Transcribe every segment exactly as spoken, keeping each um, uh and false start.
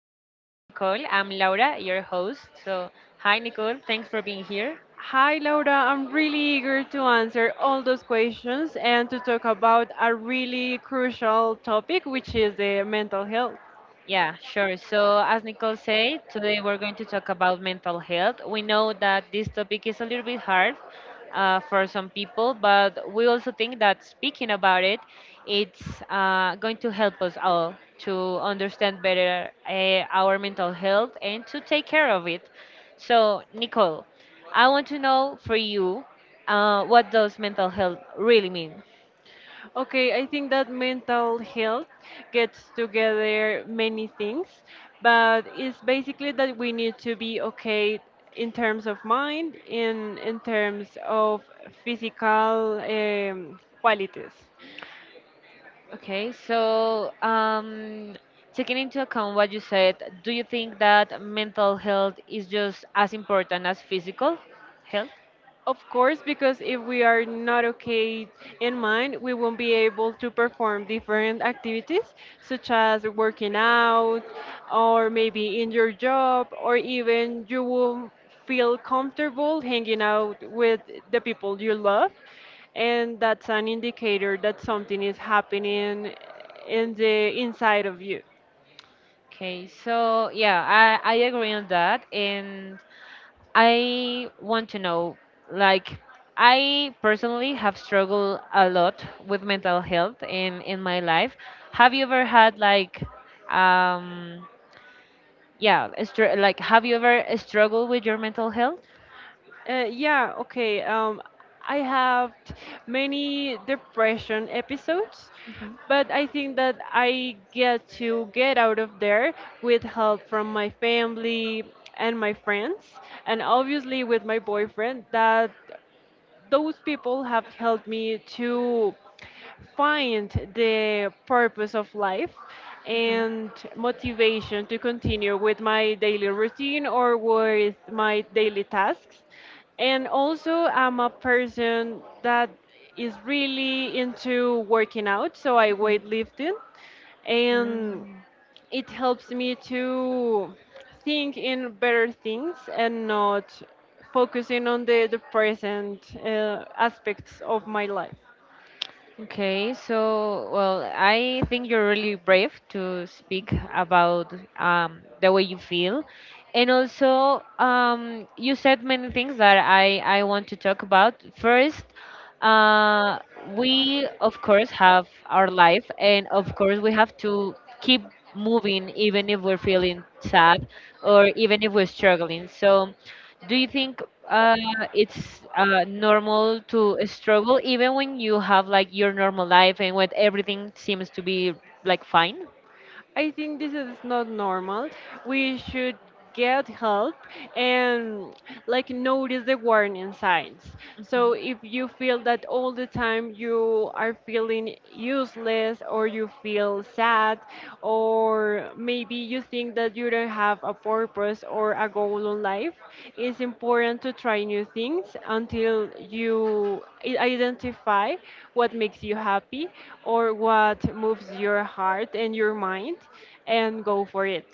with Nicole. I'm Laura, your host. So, hi, Nicole. Here. Thanks for being here. Hi, Laura. I'm really eager to answer all those questions and to talk about a really crucial topic, which is the mental health. Yeah, sure. So, as Nicole said, today we're going to talk about mental health. We know that this topic is a little bit hard uh, for some people, but we also think that speaking about it, it's uh, going to help us all to understand better uh, our mental health and to take care of it. So, Nicole, I want to know for you, uh, what does mental health really mean? Okay, I think that mental health gets together many things, but it's basically that we need to be okay in terms of mind, in in terms of physical um, qualities. Okay, so um, taking into account what you said, do you think that mental health is just as important as physical health? Of course, because if we are not okay in mind, we won't be able to perform different activities such as working out or maybe in your job, or even you will feel comfortable hanging out with the people you love. And that's an indicator that something is happening in the inside of you. Okay, so yeah, I, I agree on that. And I want to know, like, I personally have struggled a lot with mental health in, in my life. Have you ever had, like, um, yeah, a str- like, have you ever struggled with your mental health? Uh, yeah, okay. Um, I have t- many depression episodes, Mhm. but I think that I get to get out of there with help from my family and my friends, and obviously with my boyfriend that those people have helped me to find the purpose of life Mhm. and motivation to continue with my daily routine or with my daily tasks. And also, I'm a person that is really into working out, so I Mhm. weightlifting and Mm. it helps me to think in better things and not focusing on the, the present uh, aspects of my life. Okay, so well, I think you're really brave to speak about um, the way you feel, and also um, you said many things that I I want to talk about. First, uh, we of course have our life, and of course we have to keep moving even if we're feeling sad or even if we're struggling. So do you think uh, it's uh, normal to struggle even when you have like your normal life and when everything seems to be like fine? I think this is not normal. We should get help and like notice the warning signs. So Mhm. if you feel that all the time you are feeling useless or you feel sad or maybe maybe you think that you don't have a purpose or a goal in life, it's important to try new things until you i- identify what makes you happy or what moves your heart and your mind and go for it.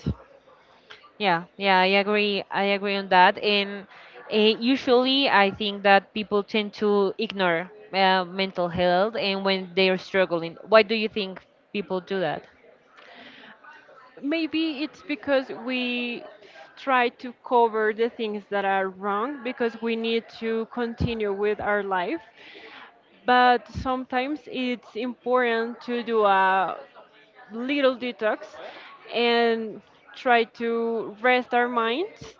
Yeah, yeah, I agree. I agree on that. And uh, usually, I think that people tend to ignore uh, mental health and when they are struggling. Why do you think people do that? Maybe it's because we try to cover the things that are wrong because we need to continue with our life, but sometimes it's important to do a little detox and try to rest our minds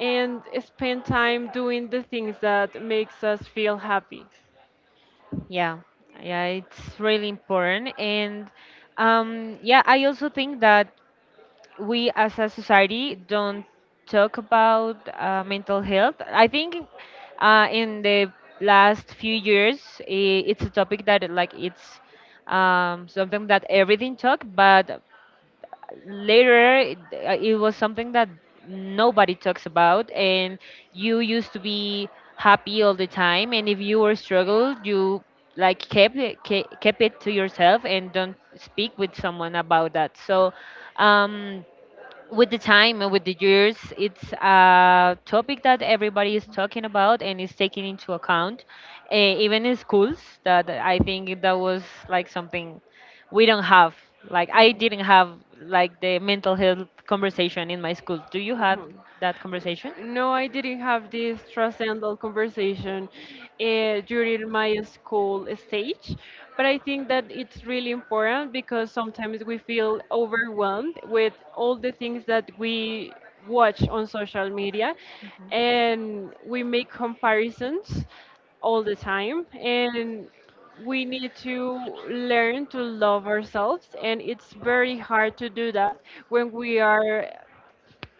and spend time doing the things that makes us feel happy. Yeah, yeah, it's really important. And um, yeah, I also think that we as a society don't talk about uh, mental health. I think uh, in the last few years, I it's a topic that like it's um, something that everything talk, but later it, uh, it was something that nobody talks about, and you used to be happy all the time, and if you were struggled, you like kept it, ke- kept it to yourself and don't speak with someone about that. So. Um, with the time and with the years, it's a topic that everybody is talking about and is taking into account, uh, even in schools. That I think that was like something we don't have. Like I didn't have like the mental health conversation in my school. Do you have Mhm. that conversation? No, I didn't have this transcendental conversation uh, during my school stage, but I think that it's really important because sometimes we feel overwhelmed with all the things that we watch on social media and we make comparisons all the time, and we need to learn to love ourselves, and it's very hard to do that when we are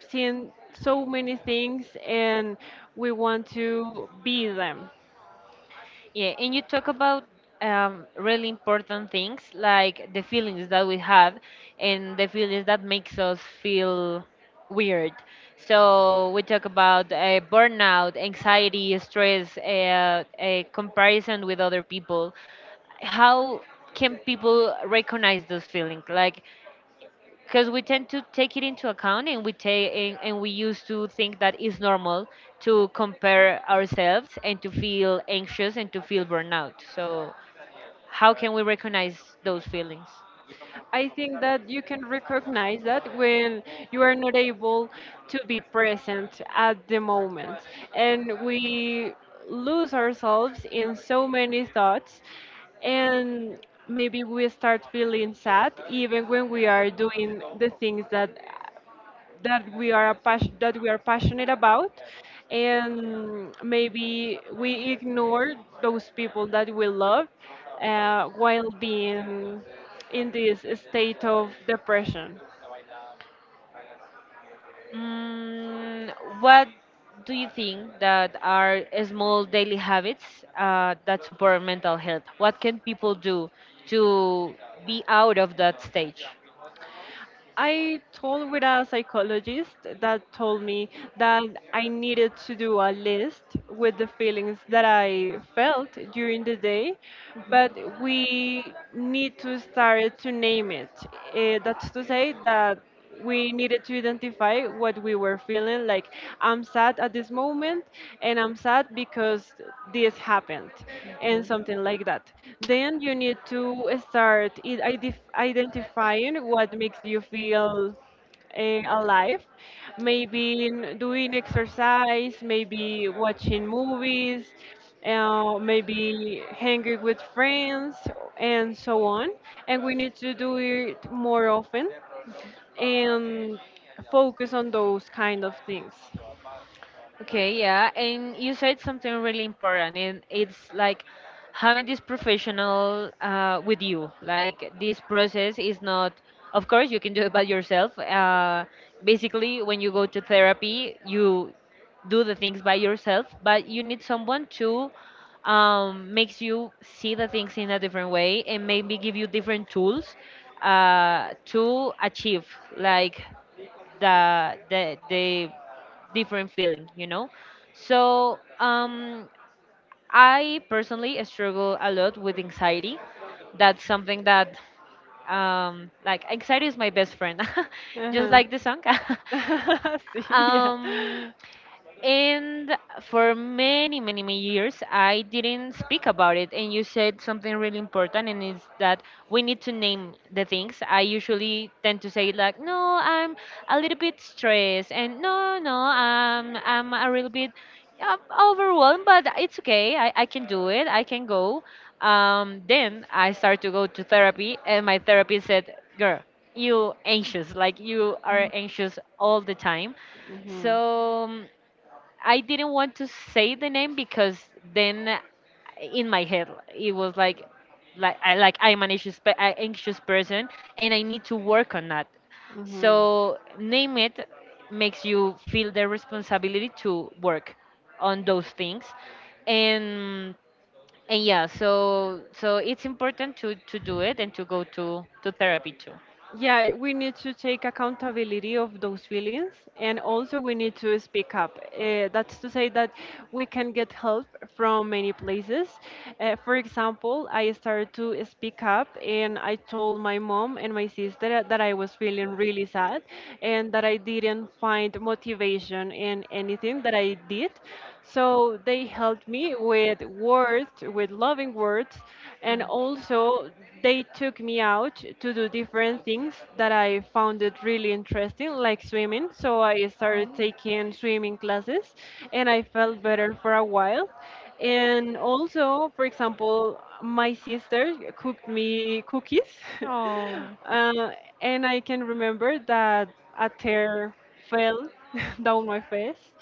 seen so many things and we want to be them. Yeah, and you talk about um, really important things like the feelings that we have and the feelings that makes us feel weird. So we talk about uh, burnout, anxiety, stress, uh, uh, comparison with other people. How can people recognize those feelings? Like because we tend to take it into account and we take and, and we used to think that it's normal to compare ourselves and to feel anxious and to feel burnout. So how can we recognize those feelings? I think that you can recognize that when you are not able to be present at the moment. And we lose ourselves in so many thoughts, and maybe we start feeling sad even when we are doing the things that that we are a pas- that we are passionate about, and maybe we ignore those people that we love uh, while being in this state of depression. Mm, what do you think that are small daily habits uh, that support mental health? What can people do to be out of that stage? I told with a psychologist that told me that I needed to do a list with the feelings that I felt during the day. But we need to start to name it. Uh, that's to say that we needed to identify what we were feeling, like, I'm sad at this moment, and I'm sad because this happened, and something like that. Then you need to start i- idef- identifying what makes you feel eh, alive, maybe in doing exercise, maybe watching movies, uh, maybe hanging with friends, and so on. And we need to do it more often and focus on those kind of things. Okay, yeah, and you said something really important, and it's like having this professional uh, with you. Like this process is not, of course, you can do it by yourself. Uh, basically, when you go to therapy, you do the things by yourself, but you need someone to um, makes you see the things in a different way and maybe give you different tools uh, to achieve like the the the different feeling, you know? So, um, I personally struggle a lot with anxiety. That's something that um, like anxiety is my best friend, just Uh-huh. like the song. Sí, yeah. um, and for many, many, many years, I didn't speak about it. And you said something really important, and it's that we need to name the things. I usually tend to say like, "No, I'm a little bit stressed," and "No, no, I'm I'm a little bit uh, overwhelmed, but it's okay. I, I can do it. I can go." Um, then I started to go to therapy, and my therapist said, "Girl, you anxious, like you are anxious all the time." Mhm, So um, I didn't want to say the name because then uh, in my head it was like like I like I'm an anxious pe- uh, anxious person and I need to work on that. mhm. So name it makes you feel the responsibility to work on those things and and yeah, so so it's important to to do it and to go to to therapy too. Yeah, we need to take accountability of those feelings, and also we need to speak up. Uh, that's to say that we can get help from many places. Uh, for example, I started to speak up and I told my mom and my sister that I was feeling really sad and that I didn't find motivation in anything that I did. So they helped me with words, with loving words, and also they took me out to do different things that I found it really interesting, like swimming. So I started Mm. taking swimming classes and I felt better for a while. And also, for example, my sister cooked me cookies. Mm. Oh. uh, and I can remember that a tear fell down my face.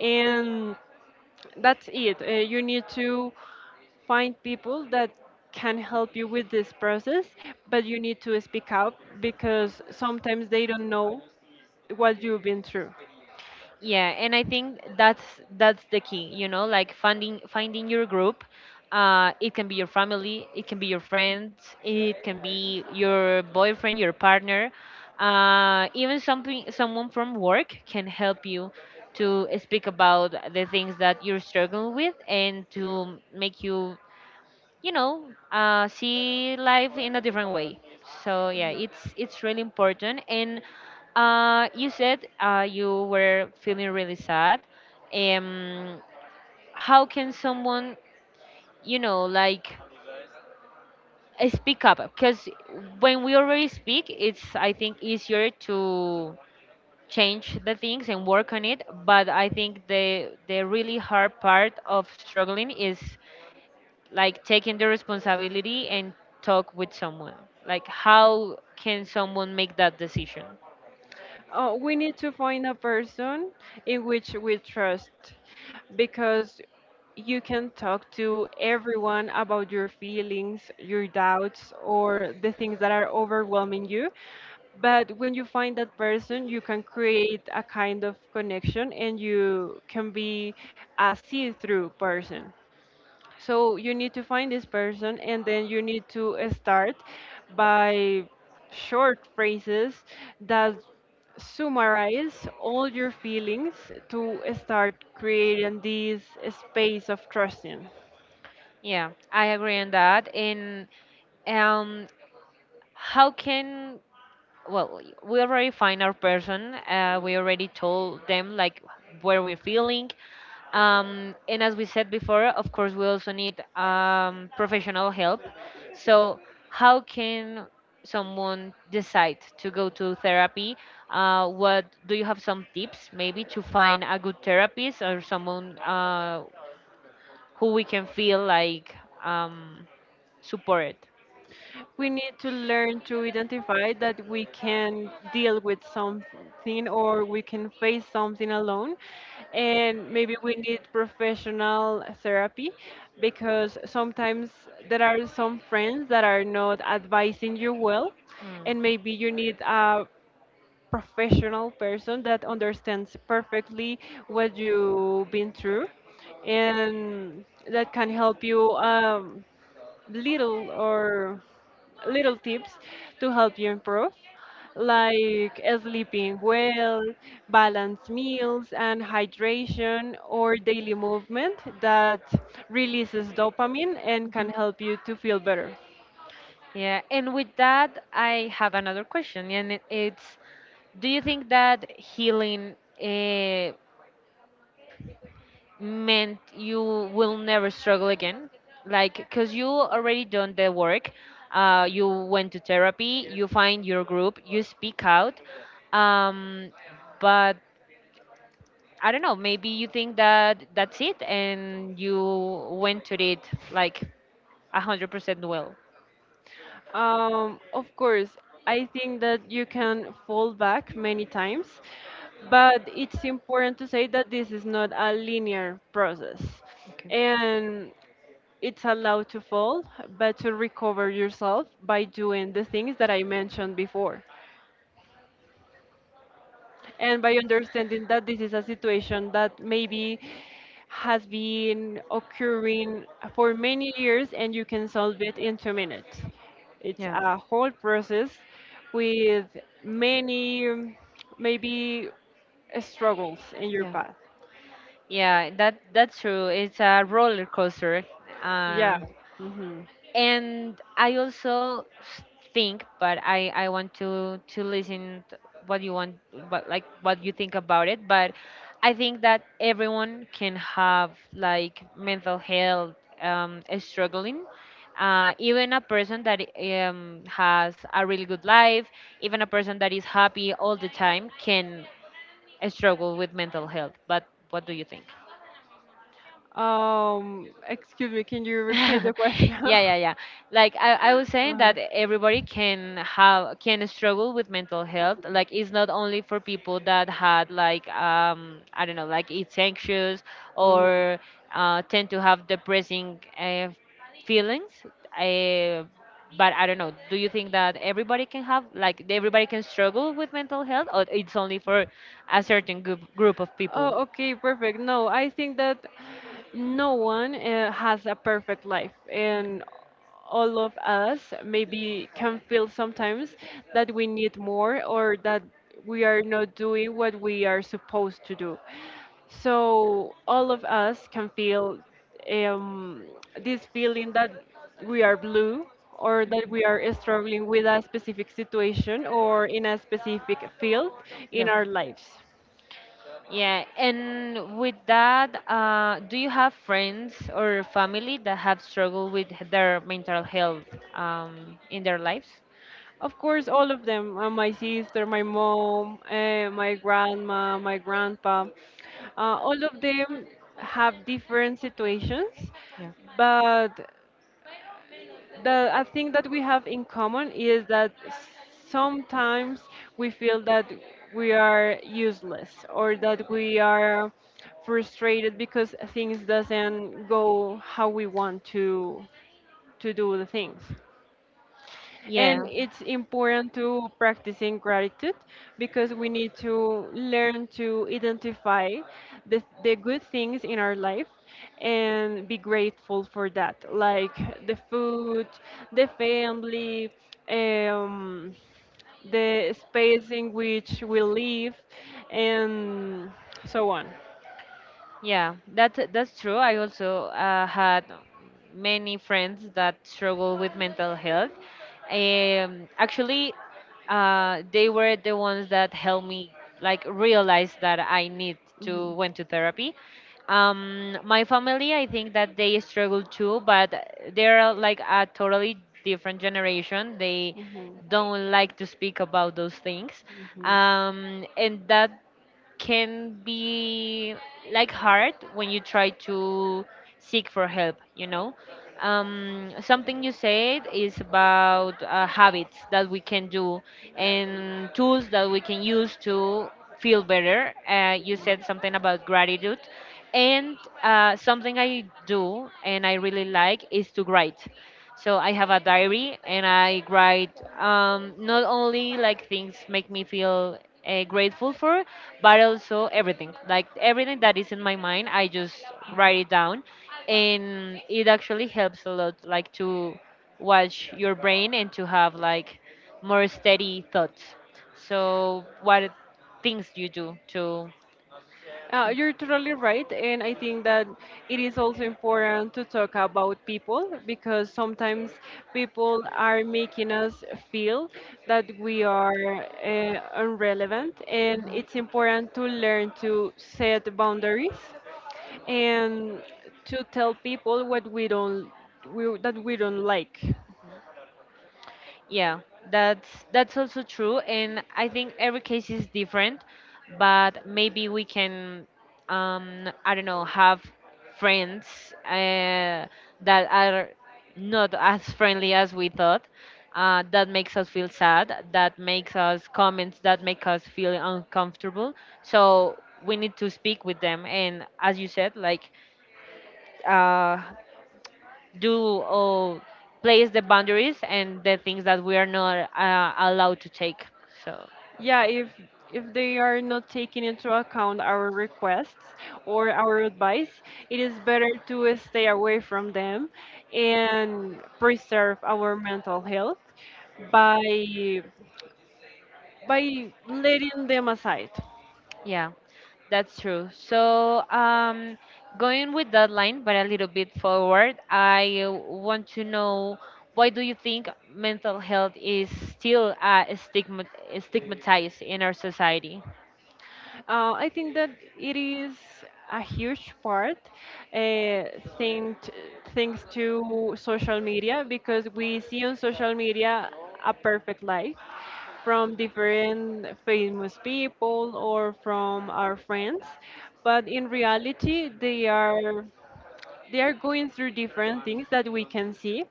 And that's it. Uh, you need to find people that can help you with this process, but you need to speak up because sometimes they don't know what you've been through. Yeah, and I think that's that's the key, you know, like finding finding your group. Uh, it can be your family, it can be your friends, it can be your boyfriend, your partner. Uh, even something someone from work can help you to speak about the things that you're struggling with and to make you, you know, uh, see life in a different way. So yeah, it's it's really important. And uh, you said uh, you were feeling really sad. um, how can someone, you know, like uh, speak up? Because when we already speak, it's, I think, easier to change the things and work on it, but I think the the really hard part of struggling is like taking the responsibility and talk with someone. Like how can someone make that decision? Oh, we need to find a person in which we trust, because you can talk to everyone about your feelings, your doubts, or the things that are overwhelming you. But when you find that person, you can create a kind of connection and you can be a see through person. So you need to find this person, and then you need to uh, start by short phrases that summarize all your feelings to start creating this space of trusting. Yeah, I agree on that. And um how can, well, we already find our person, uh, we already told them like where we're feeling. um, and as we said before, of course we also need um, professional help. So how can someone decide to go to therapy? uh, what do you have some tips maybe to find a good therapist or someone uh, who we can feel like um, supported? We need to learn to identify that we can deal with something or we can face something alone, and maybe we need professional therapy, because sometimes there are some friends that are not advising you well, Mm. and maybe you need a professional person that understands perfectly what you've been through, and that can help you um, little or little tips to help you improve, like sleeping well, balanced meals, and hydration or daily movement that releases dopamine and can Mhm. help you to feel better. Yeah, and with that, I have another question, and it- it's, do you think that healing, uh, meant you will never struggle again? Like because you already done the work, uh, you went to therapy, you find your group, you speak out. um, but I don't know, maybe you think that that's it and you went to it like one hundred percent well. Um, of course, I think that you can fall back many times, but it's important to say that this is not a linear process. Okay. And it's allowed to fall, but to recover yourself by doing the things that I mentioned before and by understanding that this is a situation that maybe has been occurring for many years, and you can solve it in two minutes. It's Yeah. a whole process with many, um, maybe uh, struggles in your Yeah, path. yeah, that that's true. It's a roller coaster. Yeah. uh, Hmm. and I also s- think, but I I want to to listen t- what you want, what like what you think about it. But I think that everyone can have like mental health um, struggling. Uh, even a person that um, has a really good life, even a person that is happy all the time, can struggle with mental health. But what do you think? Um, excuse me, can you repeat the question? Yeah, yeah, yeah, like I, I was saying that everybody can have can struggle with mental health. Like it's not only for people that had like, um I don't know, like it's anxious Uh-huh. Mhm. or uh, tend to have depressing uh, feelings. uh, but I don't know, do you think that everybody can have, like, everybody can struggle with mental health, or it's only for a certain group group of people? Oh, okay, perfect. No, I think that no one uh, has a perfect life, and all of us maybe can feel sometimes that we need more or that we are not doing what we are supposed to do. So all of us can feel um, this feeling that we are blue or that we are struggling with a specific situation or in a specific field in Yeah. our lives. Yeah, and with that, uh, do you have friends or family that have struggled with their mental health um, in their lives? Of course, all of them. Uh, my sister, my mom, uh, my grandma, my grandpa. Uh, all of them have different situations, Yeah. but the I think that we have in common is that sometimes we feel that we are useless or that we are frustrated because things doesn't go how we want to to do the things. And Yeah. it's important to practicing gratitude, because we need to learn to identify the, the good things in our life and be grateful for that, like the food, the family, um, the space in which we live, and so on. Yeah, that that's true. I also uh, had many friends that struggle with mental health. Um, actually, uh, they were the ones that helped me like realize that I need to went to therapy. Um, my family, I think that they struggle too, Mhm. but they're like a totally different generation. They Mhm. don't like to speak about those things, Mhm. um, and that can be like hard when you try to seek for help, you know. um, something you said is about uh, habits that we can do and tools that we can use to feel better. uh, you said something about gratitude, and uh, something I do and I really like is to write. So I have a diary and I write um, not only like things make me feel uh, grateful for, but also everything. Like everything that is in my mind, I just write it down, and it actually helps a lot. Like to watch your brain and to have like more steady thoughts. So what things you do to? Uh, you're totally right, and I think that it is also important to talk about people because sometimes people are making us feel that we are uh, irrelevant, and Mhm. it's important to learn to set boundaries and to tell people what we don't we, that we don't like. Yeah, that's that's also true, and I think every case is different, but maybe we can, um, I don't know, have friends uh, that are not as friendly as we thought. Uh, that makes us feel sad. That makes us comments. That make us feel uncomfortable. So we need to speak with them, and as you said, like uh, do or place the boundaries and the things that we are not uh, allowed to take. So, Yeah, if if they are not taking into account our requests or our advice, it is better to stay away from them and preserve our mental health by by letting them aside. yeah, that's true. So, um, going with that line, but a little bit forward, I want to know why do you think mental health is still uh, stigma- stigmatized in our society? Uh, I think that it is a huge part uh, thanks thanks to social media, because we see on social media a perfect life from different famous people or from our friends, but in reality they are they are going through different things that we can see,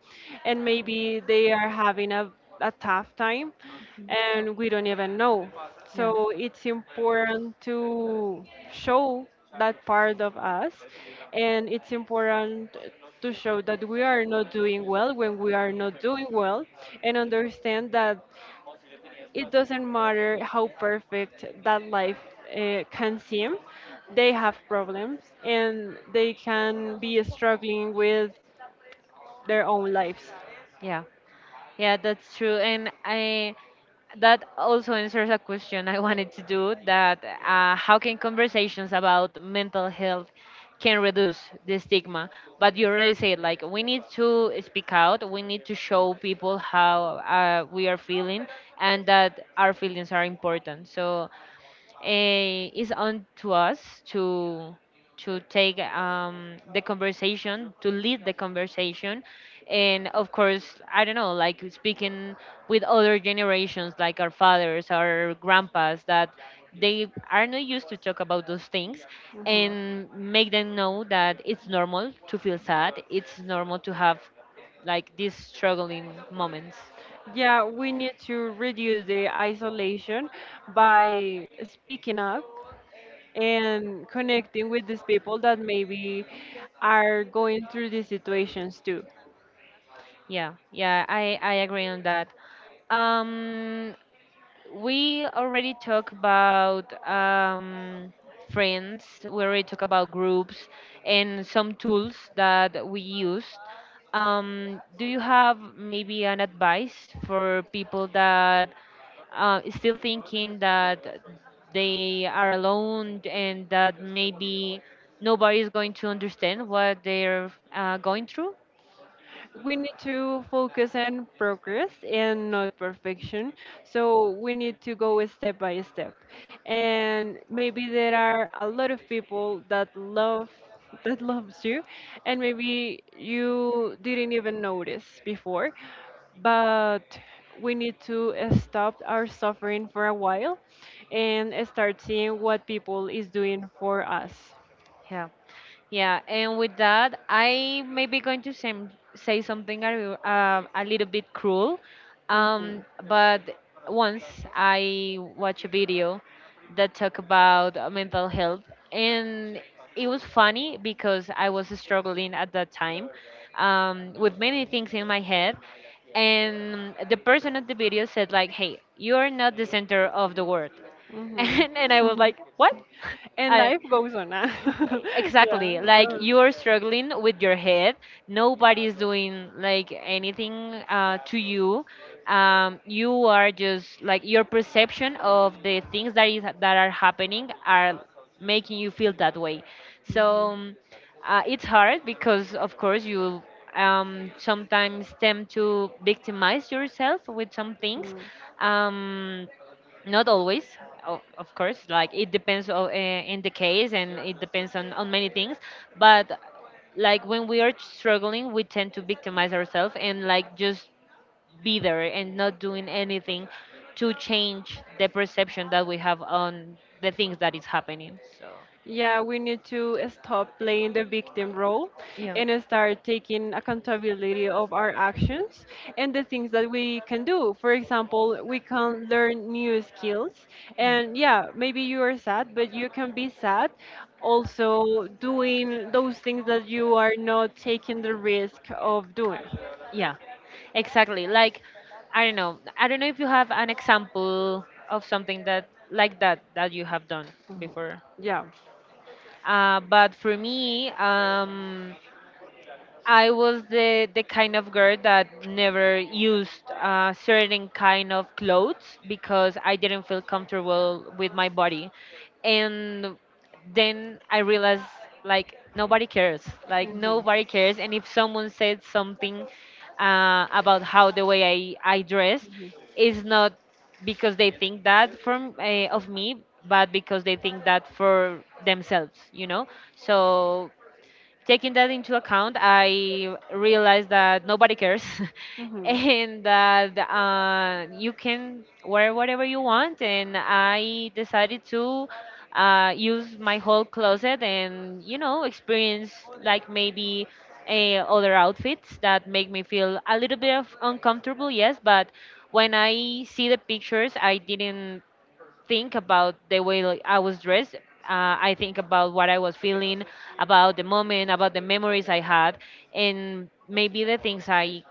and maybe they are having a, a tough time and we don't even know. Yeah, So it's important to show that part of us, and it's important to show that we are not doing well when we are not doing well, and understand that it doesn't matter how perfect that life uh, can seem, they have problems and they can be struggling with their own lives. yeah. Yeah, that's true. And I that also answers a question I wanted to do that uh, how can conversations about mental health can reduce the stigma? But you already said, like, we need to speak out, we need to show people how uh, we are feeling, and that our feelings are important. So eh, it's on to us to to take um, the conversation, to lead the conversation, and of course, I don't know, like, speaking with other generations, like our fathers, our grandpas, that they are not used to talk about those things, and make them know that it's normal to feel sad, it's normal to have like these struggling moments. Yeah, we need to reduce the isolation by speaking up and connecting with these people that maybe are going through these situations too. Yeah, yeah, I I agree on that. Um, we already talked about um, friends, we already talked about groups and some tools that we used. Um, do you have maybe an advice for people that uh, still thinking that they are alone and that maybe nobody is going to understand what they're uh, going through? We need to focus on progress and not perfection. So we need to go step by step. And maybe there are a lot of people that love that loves you, and maybe you didn't even notice before. But we need to uh, stop our suffering for a while and uh, start seeing what people is doing for us. Yeah. Yeah, and with that, I may be going to say, say something a, uh, a little bit cruel. Mhm. Um, but once I watched a Mhm. video that talked about uh, mental health, and it was funny because I was struggling at that time Mhm. um, with many things in my head. And the person at the video said, like, hey, you're not the center of the world. And, and I was like, what? And I, life goes on. Ah. exactly, Yeah. like, uh. you're struggling with your head, nobody's doing like anything uh, to you, um, you are just, like, your perception of the things that is that are happening are making you feel that way. So um, uh, it's hard because Mhm. of course you um, sometimes tend to victimize yourself with some things, Mm. um, not always. O- of course, like, it depends on, uh, in the case, and it depends on, on many things. But like when we are struggling we tend to victimize ourselves and like just be there and not doing anything to change the perception that we have on the things that is happening. So Yeah, we need to stop playing the victim role yeah, and start taking accountability of our actions and the things that we can do. For example, we can learn new skills. yeah. And yeah, maybe you are sad, but you can be sad also doing those things that you are not taking the risk of doing. Yeah, exactly. Like, I don't know. I don't know if you have an example of something that like that that you have done Mhm. before. Yeah. Uh, but for me, um, I was the the kind of girl that never used uh, certain kind of clothes because I didn't feel comfortable with my body, and then I realized, like, nobody cares, like nobody cares, and if someone said something uh, about how the way I I dress is not because they think that from uh, of me, but because they think that for themselves, you know. So taking that into account, I realized that nobody cares Mhm. Mhm. and that uh, you can wear whatever you want. And I decided to uh, use my whole closet and, you know, experience, like, maybe uh, other outfits Mhm. that make me feel a little bit of uncomfortable, yes, but when I see the pictures, I didn't think about the way, like, I was dressed. Uh, I think about what I was feeling, about the moment, about the memories I had, and maybe the things I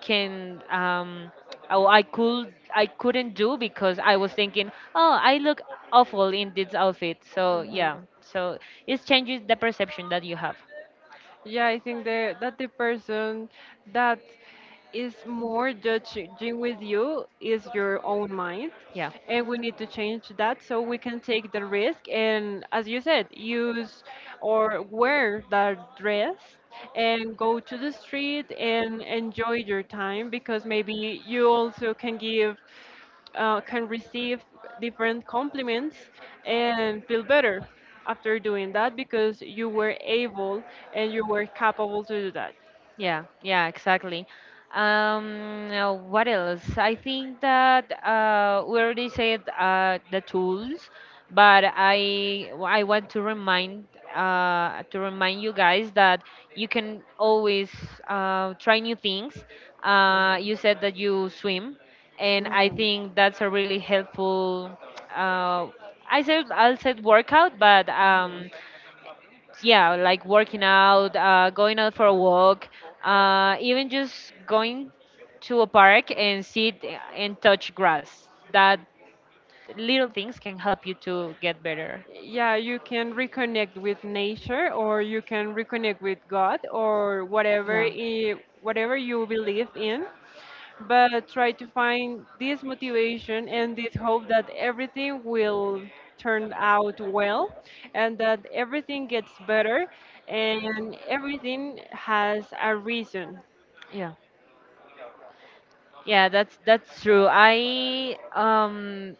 can um oh I could I couldn't do because I was thinking, oh, I look awful in this outfit. So yeah, Mhm. so it changes the perception that you have. Yeah, I think the, that the person that is more judging with you is your own mind, Yeah. and we need to change that so we can take the risk and, as you said, use or wear that dress and go to the street and enjoy your time, because maybe you also can give uh, can receive different compliments and feel better after doing that because you were able and you were capable to do that. Yeah, yeah, exactly. Um, uh, what else? I think that uh, we already said uh, the tools, but I I want to remind uh, to remind you guys that you can always uh, try new things. Uh, you said that you swim, and I think that's a really helpful. Uh, I said I'll said workout, but um, Mhm. yeah, like working out, uh, going out for a walk, uh, even just going to a park and sit and touch grass. That little things can help you to get better. Yeah, you can reconnect with nature or you can reconnect with God or whatever Yeah, i- whatever you believe in, but try to find this motivation and this hope that everything will turn out well, and that everything gets better, and everything has a reason. yeah, yeah. That's that's true. I um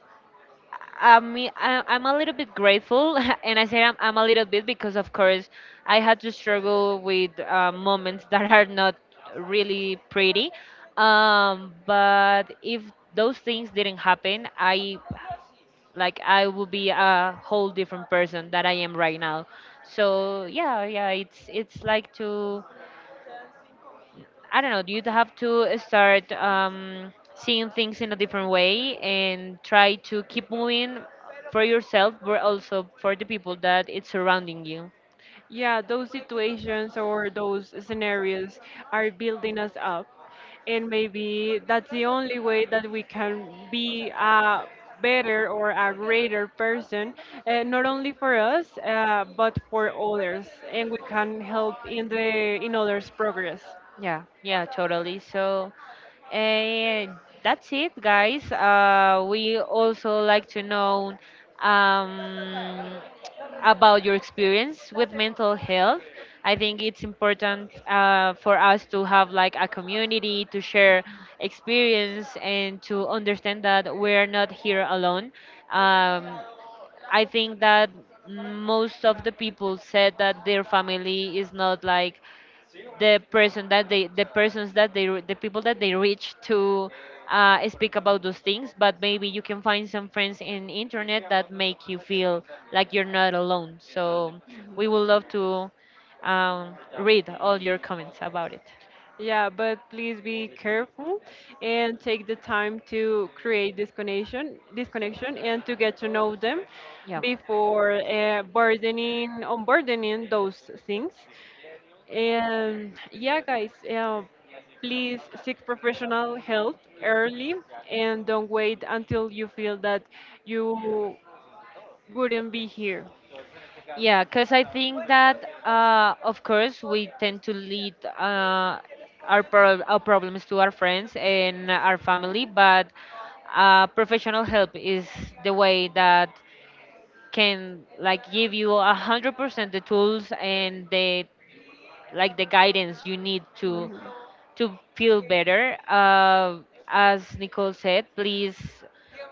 I mean, I, I'm a little bit grateful, and I say I'm, I'm a little bit because, of course, I had to struggle with uh, moments that are not really pretty. Um, but if those things didn't happen, I like I would be a whole different person that I am right now. So yeah, yeah, it's it's like to I don't know, you have to start um, seeing things in a different way and try to keep moving for yourself, but also for the people that it's surrounding you. Yeah, those situations or those scenarios are building us up. And maybe that's the only way that we can be a better or a greater person, uh, not only for us, uh, but for others. And we can help in the in others' progress. Yeah, yeah, totally. So, uh, that's it, guys. Uh, we also like to know um, about your experience with mental health. I think it's important uh, for us to have like a community to share experience and to understand that we're not here alone. Um, I think that most of the people said that their family is not like the person that they the persons that they re- the people that they reach to uh, speak about those things, but maybe you can find some friends in internet that make you feel like you're not alone. So we would love to um, read all your comments about it. Yeah, but please be careful and take the time to create this connection, this connection, and to get to know them Yeah, before uh, burdening, unburdening those things. And yeah, guys, uh, please seek professional help early and don't wait until you feel that you wouldn't be here. yeah, because I think that uh, of course we tend to lead uh, our, pro- our problems to our friends and our family, but uh, professional help is the way that can, like, give you a hundred percent the tools and the like the guidance you need to to feel better. Uh, as Nicole said, please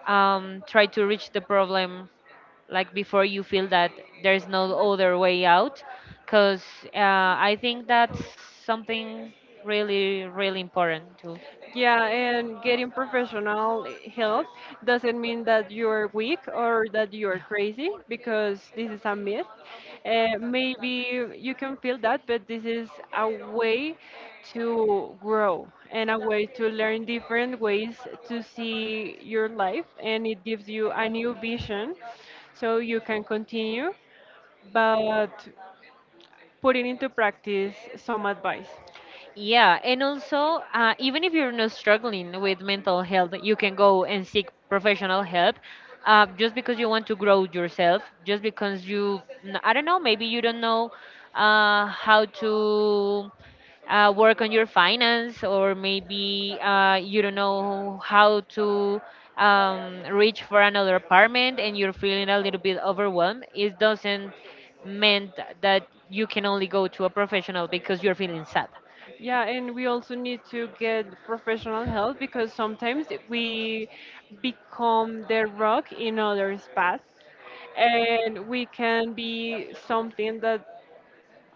um, try to reach the problem like before you feel that there's no other way out because uh, I think that's something really really important too. Yeah, and getting professional help doesn't mean that you're weak or that you're Yeah. crazy, because this is a myth. Uh, maybe you can feel that, but this is a way to grow and a way to learn different ways to see your life, and it gives you a new vision so you can continue, but putting into practice some advice. Yeah, and also, uh, even if you're not struggling with mental health, you can go and seek professional help. Uh, just because you want to grow yourself, just because you, n- I don't know, maybe you don't know uh, how to uh, work on your finance, or maybe uh, you don't know how to um, reach for another apartment and you're feeling a little bit overwhelmed. It doesn't mean that you can only go to a professional because you're feeling sad. Yeah, and we also need to get professional help because sometimes we become the rock in others' paths, and we can be something that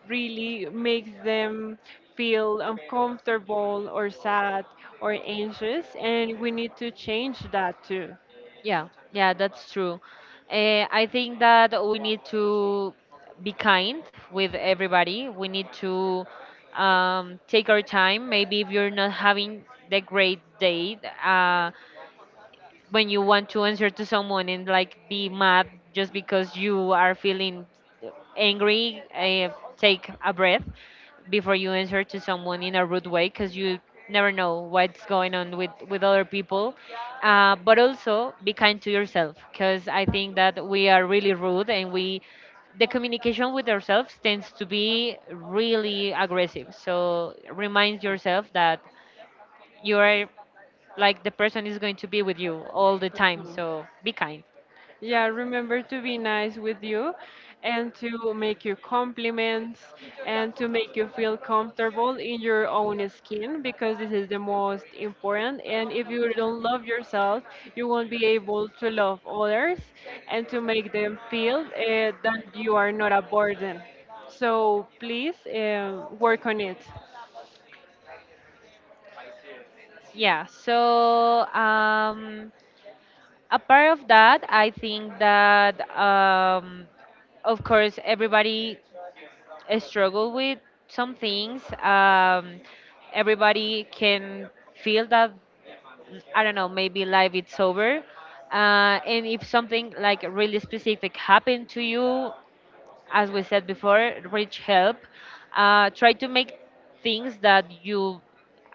really makes them feel uncomfortable or sad or anxious, and we need to change that too. Yeah, yeah, that's true. Uh, I think that we need to be kind with everybody. We need to um, take our time. Maybe if you're not having the great day, uh, when you want to answer to someone and like be mad just because you are feeling angry, uh, take a breath before you answer to someone in a rude way because you never know what's going on with with other people. Uh, but also be kind to yourself, because I think that we are really rude, and we the communication with ourselves tends to be really aggressive. So remind yourself that you're like the person is going to be with you all the time, so be kind. Yeah, remember to be nice with you and to make you compliments and to make you feel comfortable in your own skin, because this is the most important. And if you don't love yourself, you won't be able to love others and to make them feel uh, that you are not a burden. So please uh, work on it. Yeah, so um apart of that I think that um of course everybody struggle with some things, um everybody can feel that, I don't know, maybe life it's over. Uh, and if something like really specific happened to you, as we said before, reach help. Uh, try to make things that you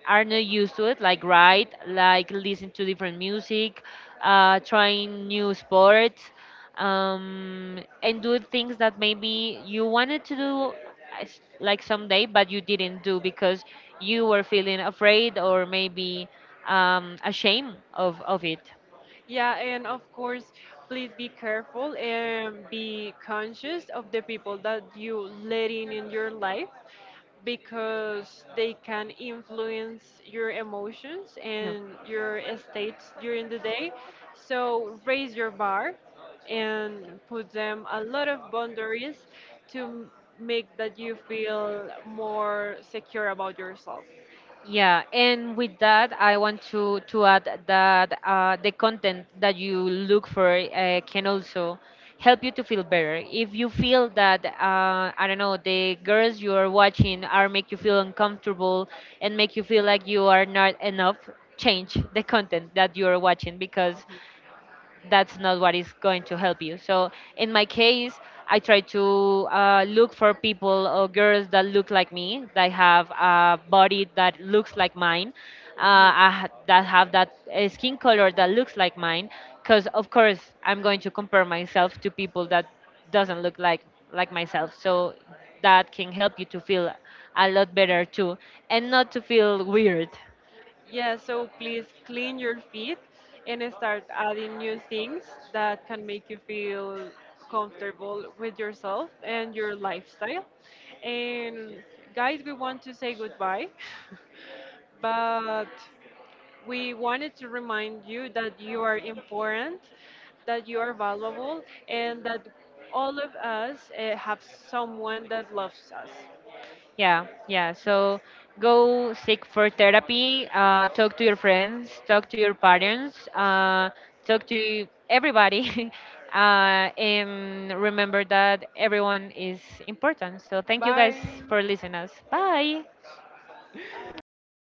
are not used to it, like write, like listen to different music, uh, trying new sports, um, and do things that maybe you wanted to do as- like someday, but you didn't do because you were feeling afraid or maybe um, ashamed of, of it. Yeah, and of course, please be careful and be conscious of the people that you letting in your life, because they can influence your emotions Yeah. and your states during the day. So raise your bar and put them a lot of boundaries to make that you feel more secure about yourself. Yeah, and with that, I want to to add that uh, the content that you look for uh, can also help you to feel better. If you feel that uh, I don't know, the girls you are watching are make you feel uncomfortable and make you feel like you are not enough, change the content that you are watching because that's not what is going to help you. So in my case, I try to uh, look for people or girls that look like me, that have a body that looks like mine, uh, Mhm. I ha- that have that uh, skin color that looks like mine. Because of course, I'm going to compare myself to people that doesn't look like like myself. So that can help you to feel a lot better too, and not to feel weird. Yeah, so please clean your feet and start adding new things that can make you feel comfortable with yourself and your lifestyle. And guys, we want to say goodbye, but we wanted to remind you that you are important, that you are valuable, and that all of us uh, have someone that loves us. Yeah, yeah. So go seek for therapy. Uh, talk to your friends. Talk to your parents. Uh, talk to everybody. Uh, and remember that everyone is important. So thank you guys for listening us. Bye. For listening. Oh, yeah.